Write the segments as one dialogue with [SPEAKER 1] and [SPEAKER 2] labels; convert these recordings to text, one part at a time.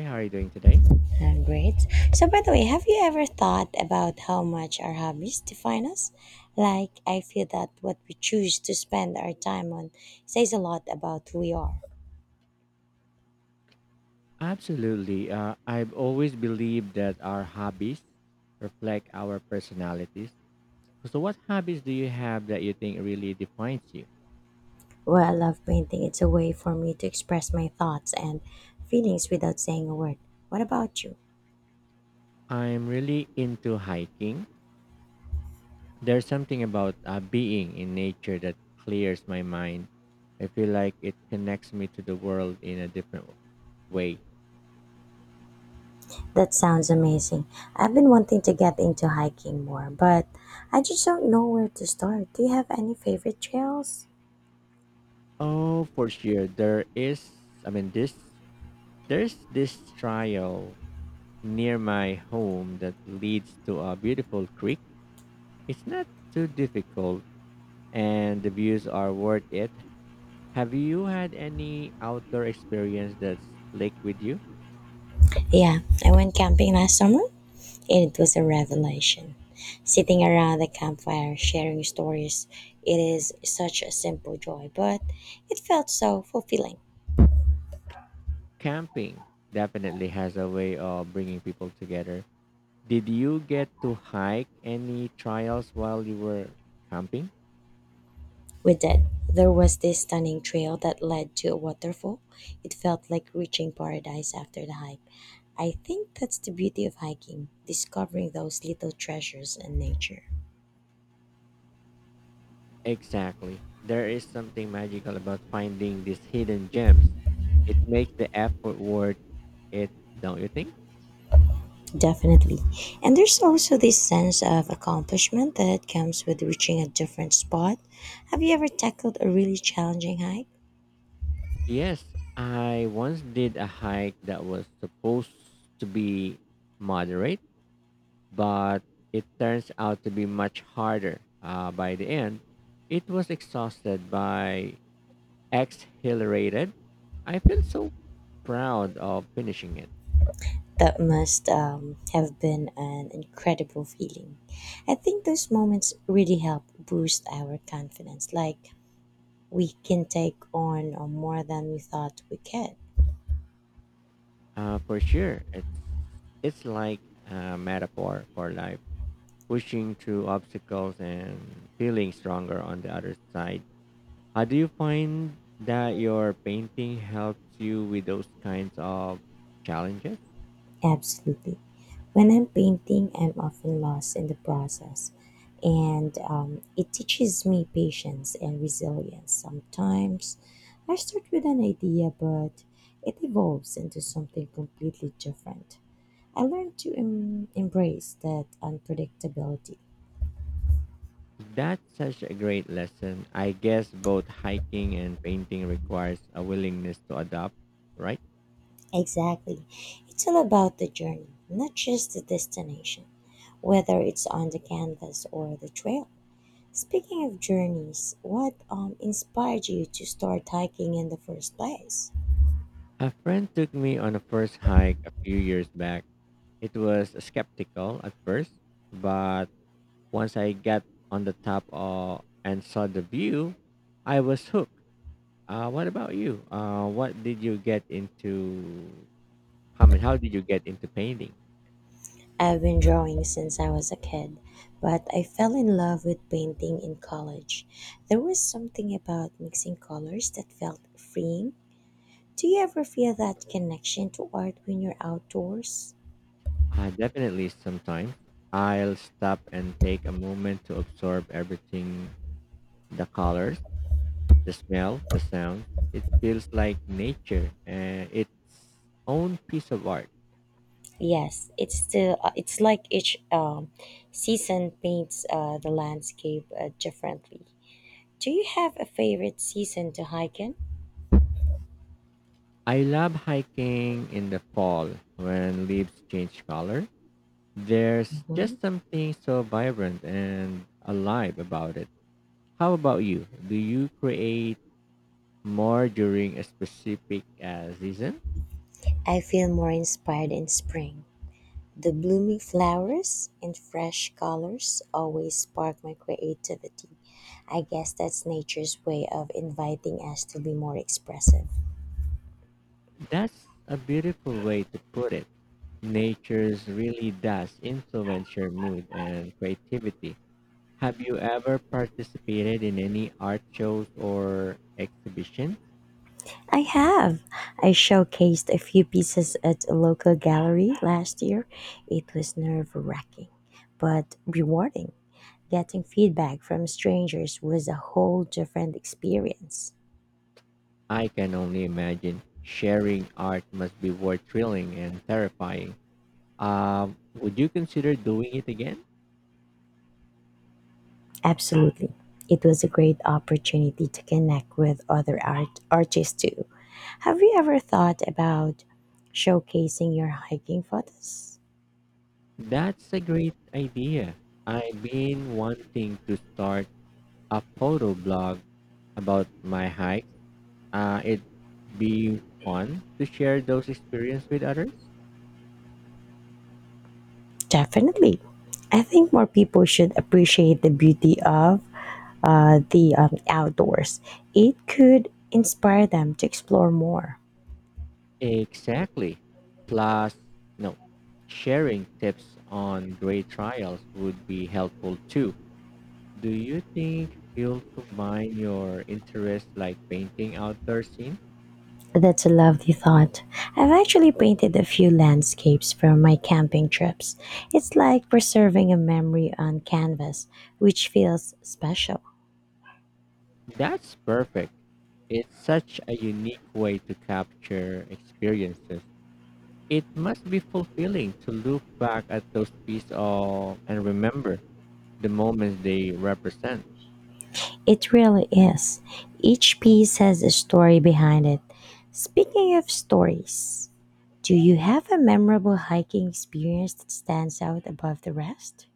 [SPEAKER 1] Hey, how are you doing today?
[SPEAKER 2] I'm great. So, by the way, have you ever thought about how much our hobbies define us? Like, I feel that what we choose to spend our time on says a lot about who we are.
[SPEAKER 1] Absolutely. I've always believed that our hobbies reflect our personalities. So, what hobbies do you have that you think really defines you?
[SPEAKER 2] Well, I love painting. It's a way for me to express my thoughts and feelings without saying a word. What about you?
[SPEAKER 1] I'm really into hiking. There's something about being in nature that clears my mind. I feel like it connects me to the world in a different way.
[SPEAKER 2] That sounds amazing. I've been wanting to get into hiking more, but I just don't know where to start. Do you have any favorite trails?
[SPEAKER 1] Oh, for sure. I mean, this There's this trail near my home that leads to a beautiful creek. It's not too difficult and the views are worth it. Have you had any outdoor experience that's linked with you?
[SPEAKER 2] Yeah, I went camping last summer, and it was a revelation. Sitting around the campfire, sharing stories, it is such a simple joy, but it felt so fulfilling.
[SPEAKER 1] Camping definitely has a way of bringing people together. Did you get to hike any trails while you were camping?
[SPEAKER 2] We did. There was this stunning trail that led to a waterfall. It felt like reaching paradise after the hike. I think that's the beauty of hiking, discovering those little treasures in nature.
[SPEAKER 1] Exactly. There is something magical about finding these hidden gems. It makes the effort worth it, don't you think?
[SPEAKER 2] Definitely. And there's also this sense of accomplishment that comes with reaching a different spot. Have you ever tackled a really challenging hike?
[SPEAKER 1] Yes, I once did a hike that was supposed to be moderate, but it turns out to be much harder. By the end, it was exhausted by exhilarated. I feel so proud of finishing it.
[SPEAKER 2] That must have been an incredible feeling. I think those moments really help boost our confidence, like we can take on more than we thought we could.
[SPEAKER 1] For sure, it's like a metaphor for life, pushing through obstacles and feeling stronger on the other side. How do you find that your painting helps you with those kinds of challenges?
[SPEAKER 2] Absolutely. When I'm painting, I'm often lost in the process, and it teaches me patience and resilience. Sometimes I start with an idea, but it evolves into something completely different. I learned to embrace that unpredictability.
[SPEAKER 1] That's such a great lesson. I guess both hiking and painting requires a willingness to adapt, right?
[SPEAKER 2] Exactly. It's all about the journey, not just the destination, whether it's on the canvas or the trail. Speaking of journeys, what inspired you to start hiking in the first place?
[SPEAKER 1] A friend took me on a first hike a few years back. It was skeptical at first, but once I got on the top of, and saw the view, I was hooked. What about you? What did you get into How, I mean, how did you get into painting?
[SPEAKER 2] I've been drawing since I was a kid, but I fell in love with painting in college. There was something about mixing colors that felt freeing. Do you ever feel that connection to art when you're outdoors?
[SPEAKER 1] Definitely sometimes. I'll stop and take a moment to absorb everything: the colors, the smell, the sound. It feels like nature and its own piece of art.
[SPEAKER 2] Yes, it's like each season paints the landscape differently. Do you have a favorite season to hike in?
[SPEAKER 1] I love hiking in the fall when leaves change color. There's
[SPEAKER 2] Mhm.
[SPEAKER 1] just something so vibrant and alive about it. How about you? Do you create more during a specific season?
[SPEAKER 2] I feel more inspired in spring. The blooming flowers and fresh colors always spark my creativity. I guess that's nature's way of inviting us to be more expressive.
[SPEAKER 1] That's a beautiful way to put it. Nature's really does influence your mood and creativity. Have you ever participated in any art shows or exhibitions?
[SPEAKER 2] I have. I showcased a few pieces at a local gallery last year. It was nerve wracking, but rewarding. Getting feedback from strangers was a whole different experience.
[SPEAKER 1] I can only imagine sharing art must be both thrilling and terrifying. Would you consider doing it again?
[SPEAKER 2] Absolutely. It was a great opportunity to connect with other artists too. Have you ever thought about showcasing your hiking photos?
[SPEAKER 1] That's a great idea. I've been wanting to start a photo blog about my hike. It'd be fun to share those experiences with others.
[SPEAKER 2] Definitely. I think more people should appreciate the beauty of the outdoors. It could inspire them to explore more.
[SPEAKER 1] Exactly. Plus, no, sharing tips on great trials would be helpful too. Do you think you'll combine your interests like painting outdoor scenes?
[SPEAKER 2] That's a lovely thought. I've actually painted a few landscapes from my camping trips. It's like preserving a memory on canvas, which feels special.
[SPEAKER 1] That's perfect. It's such a unique way to capture experiences. It must be fulfilling to look back at those pieces of and remember the moments they represent.
[SPEAKER 2] It really is. Each piece has a story behind it. Speaking of stories, do you have a memorable hiking experience that stands out above the rest?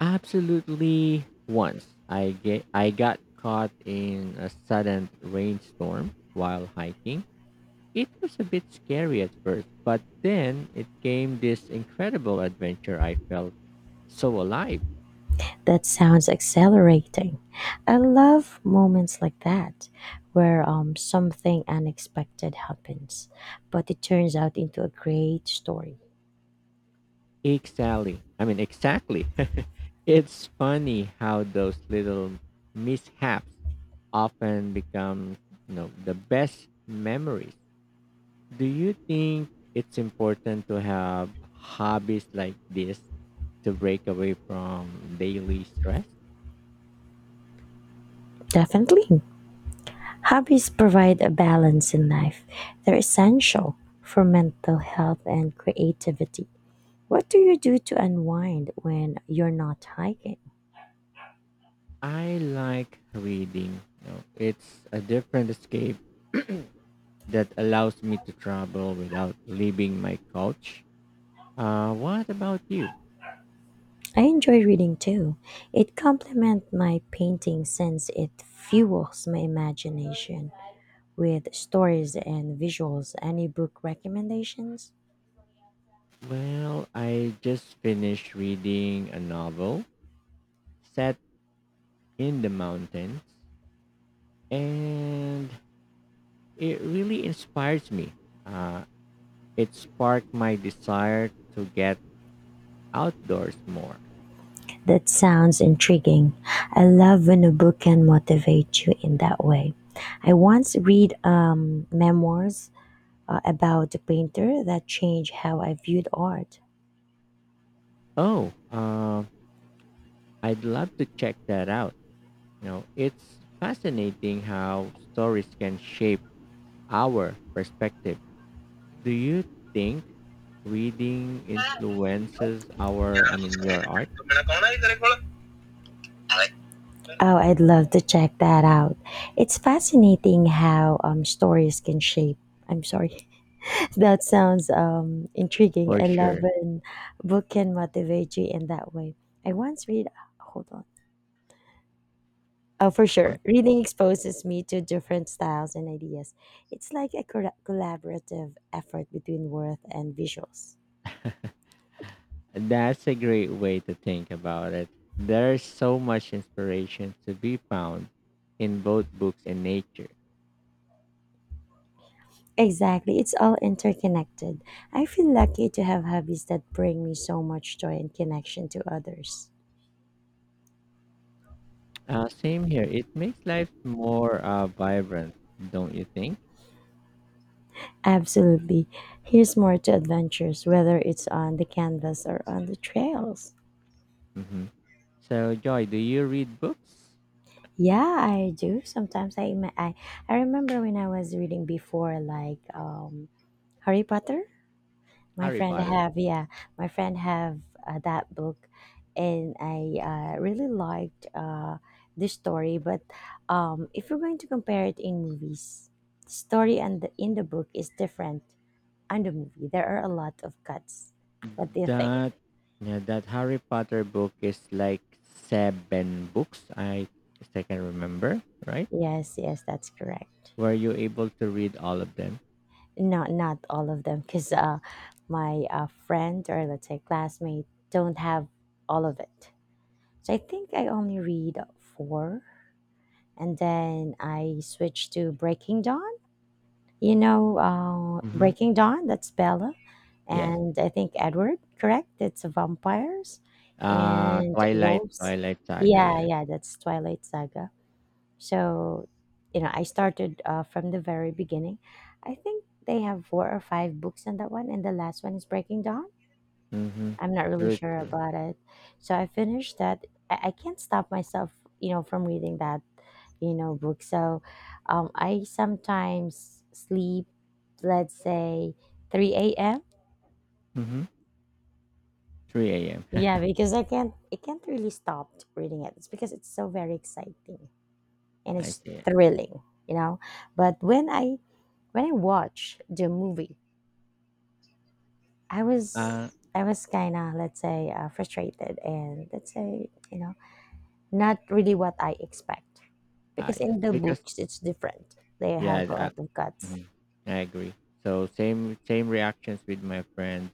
[SPEAKER 1] Absolutely, once I got caught in a sudden rainstorm while hiking. It was a bit scary at first, but then it came this incredible adventure. I felt so alive.
[SPEAKER 2] That sounds exhilarating. I love moments like that where something unexpected happens, but it turns out into a great story.
[SPEAKER 1] Exactly. I mean exactly. It's funny how those little mishaps often become, the best memories. Do you think it's important to have hobbies like this to break away from daily stress?
[SPEAKER 2] Definitely. Hobbies provide a balance in life, they're essential for mental health and creativity. What do you do to unwind when you're not hiking?
[SPEAKER 1] I like reading. It's a different escape that allows me to travel without leaving my couch. What about you?
[SPEAKER 2] I enjoy reading too. It complements my painting since it fuels my imagination with stories and visuals. Any book recommendations?
[SPEAKER 1] Well, I just finished reading a novel set in the mountains, and it really inspires me. Uh, It sparked my desire to get outdoors more.
[SPEAKER 2] That sounds intriguing. I love when a book can motivate you in that way. I once read memoirs about a painter that changed how I viewed art.
[SPEAKER 1] Oh, uh, I'd love to check that out. You know, it's fascinating how stories can shape our perspective. Do you think reading influences I mean, your art?
[SPEAKER 2] Oh, I'd love to check that out. It's fascinating how stories can shape. I'm sorry. That sounds intriguing.
[SPEAKER 1] For
[SPEAKER 2] I love
[SPEAKER 1] sure.
[SPEAKER 2] when book can motivate you in that way. I once read, hold on. Oh, for sure. Reading exposes me to different styles and ideas. It's like a collaborative effort between worth and visuals.
[SPEAKER 1] That's a great way to think about it. There's so much inspiration to be found in both books and nature.
[SPEAKER 2] Exactly. It's all interconnected. I feel lucky to have hobbies that bring me so much joy and connection to others.
[SPEAKER 1] Same here. It makes life more vibrant, don't you think?
[SPEAKER 2] Absolutely. Here's more to adventures, whether it's on the canvas or on the trails.
[SPEAKER 1] Hmm. So, Joy, do you read books?
[SPEAKER 2] Yeah, I do. Sometimes I remember when I was reading before, like Harry Potter. My
[SPEAKER 1] Harry
[SPEAKER 2] friend
[SPEAKER 1] Potter.
[SPEAKER 2] have, yeah. my friend have That book, and I really liked the story. But if you're going to compare it in movies, story and in the book is different. And the movie, there are a lot of cuts. What do you think?
[SPEAKER 1] That yeah, that Harry Potter book is like seven books. I if I can remember, right?
[SPEAKER 2] Yes, yes, that's correct.
[SPEAKER 1] Were you able to read all of them?
[SPEAKER 2] Not all of them, because my friend, or let's say classmate, don't have all of it. So I think I only read four, and then I switched to Breaking Dawn. You know,
[SPEAKER 1] Hmm.
[SPEAKER 2] Breaking Dawn. That's Bella,
[SPEAKER 1] Yes.
[SPEAKER 2] and I think Edward. Correct. It's vampires
[SPEAKER 1] Uh,
[SPEAKER 2] and
[SPEAKER 1] Twilight,
[SPEAKER 2] wolves.
[SPEAKER 1] Twilight Saga.
[SPEAKER 2] Yeah,
[SPEAKER 1] Yes.
[SPEAKER 2] yeah, that's Twilight Saga. So, you know, I started from the very beginning. I think they have four or five books on that one, and the last one is Breaking Dawn.
[SPEAKER 1] Mm-hmm.
[SPEAKER 2] I'm not really
[SPEAKER 1] True,
[SPEAKER 2] sure
[SPEAKER 1] true.
[SPEAKER 2] about it. So I finished that. I can't stop myself, you know, from reading that, you know, book. So I sometimes sleep, let's say, 3 a.m.
[SPEAKER 1] Mm-hmm. 3 a.m.
[SPEAKER 2] Yeah, because I can't really stop reading it. It's because it's so very exciting, and
[SPEAKER 1] I
[SPEAKER 2] it's
[SPEAKER 1] see.
[SPEAKER 2] thrilling, you know. But when I watched the movie, I
[SPEAKER 1] Uh,
[SPEAKER 2] was I was kind of, let's say, frustrated, and let's say, you know, not really what I expect,
[SPEAKER 1] ah,
[SPEAKER 2] because
[SPEAKER 1] yes.
[SPEAKER 2] in the
[SPEAKER 1] Because
[SPEAKER 2] books it's different. They have a
[SPEAKER 1] Yeah,
[SPEAKER 2] lot of
[SPEAKER 1] I,
[SPEAKER 2] cuts.
[SPEAKER 1] mhm, I agree. So same reactions with my friend.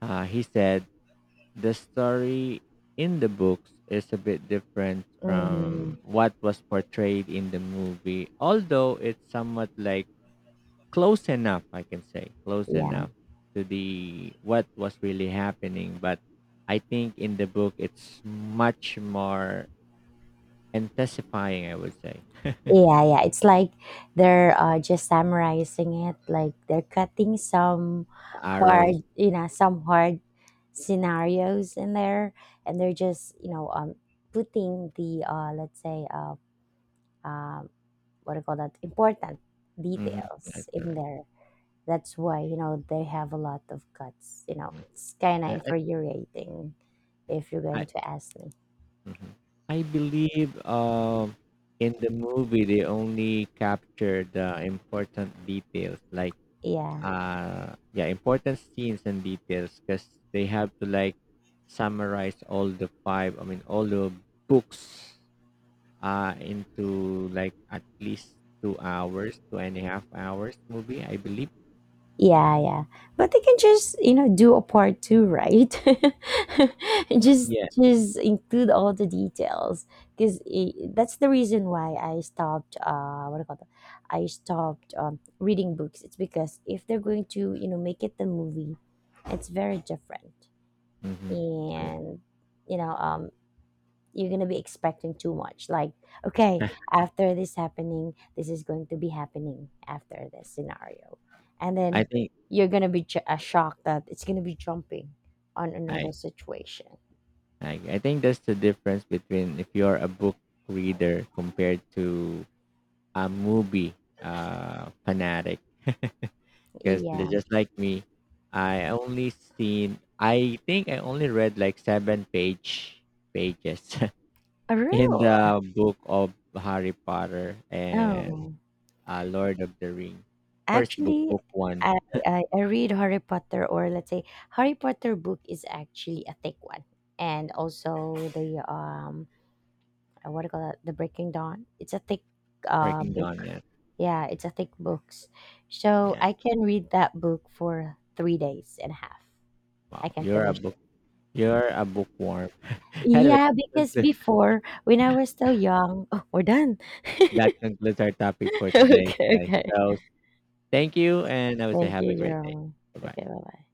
[SPEAKER 1] He said the story in the books is a bit different
[SPEAKER 2] Hmm.
[SPEAKER 1] from what was portrayed in the movie, although it's somewhat like close enough, I can say, close
[SPEAKER 2] Yeah,
[SPEAKER 1] enough to the what was really happening. But I think in the book it's much more intensifying. I would say
[SPEAKER 2] yeah, yeah. It's like they're just summarizing it. Like they're cutting some
[SPEAKER 1] the arrows.
[SPEAKER 2] hard, you know, some hard scenarios in there, and they're just, you know, putting the let's say um what do you call that, important
[SPEAKER 1] Hmm,
[SPEAKER 2] details
[SPEAKER 1] that's
[SPEAKER 2] in
[SPEAKER 1] correct.
[SPEAKER 2] there. That's why, you know, they have a lot of cuts. You know, it's kind of
[SPEAKER 1] I,
[SPEAKER 2] infuriating if you're
[SPEAKER 1] I,
[SPEAKER 2] going to ask me.
[SPEAKER 1] Mhm. I believe in the movie they only capture the important details, like
[SPEAKER 2] Yeah,
[SPEAKER 1] yeah, important scenes and details, because they have to like summarize all the I mean, all the books into like at least 2 hours, 2.5 hours movie, I believe.
[SPEAKER 2] yeah, yeah. But they can just, you know, do a part two, right? just
[SPEAKER 1] Yeah.
[SPEAKER 2] just include all the details, because that's the reason why I stopped. What do you call that? I stopped reading books. It's because if they're going to, you know, make it the movie, it's very different,
[SPEAKER 1] Mm-hmm. True.
[SPEAKER 2] and you know you're gonna be expecting too much, like okay, after this happening this is going to be happening after this scenario, and
[SPEAKER 1] I
[SPEAKER 2] then
[SPEAKER 1] think
[SPEAKER 2] you're gonna be shocked that it's gonna be jumping on
[SPEAKER 1] I,
[SPEAKER 2] another situation.
[SPEAKER 1] I think that's the difference between if you're a book reader compared to a movie fanatic because
[SPEAKER 2] Yeah.
[SPEAKER 1] just like me, I only I think I only read like seven pages
[SPEAKER 2] A
[SPEAKER 1] in
[SPEAKER 2] real.
[SPEAKER 1] the book of Harry Potter and
[SPEAKER 2] Oh,
[SPEAKER 1] Lord of the Ring. First book,
[SPEAKER 2] actually,
[SPEAKER 1] book one,
[SPEAKER 2] I, I read Harry Potter, or let's say Harry Potter book is actually a thick one. And also the what do you call that? The Breaking Dawn. It's a thick
[SPEAKER 1] Breaking Dawn.
[SPEAKER 2] book.
[SPEAKER 1] Yeah,
[SPEAKER 2] Yeah, it's a thick books. So
[SPEAKER 1] yeah.
[SPEAKER 2] I can read that book for 3 days and a half. I
[SPEAKER 1] Wow,
[SPEAKER 2] can finish.
[SPEAKER 1] you're a bookworm. Anyway,
[SPEAKER 2] Yeah, because
[SPEAKER 1] conclu-
[SPEAKER 2] before when I was still young, oh, we're done.
[SPEAKER 1] that concludes our topic for today,
[SPEAKER 2] Okay,
[SPEAKER 1] guys.
[SPEAKER 2] okay.
[SPEAKER 1] So thank you, and I would say
[SPEAKER 2] Thank
[SPEAKER 1] have a
[SPEAKER 2] you,
[SPEAKER 1] great day.
[SPEAKER 2] Jerome.
[SPEAKER 1] Bye
[SPEAKER 2] Okay,
[SPEAKER 1] bye.
[SPEAKER 2] bye bye.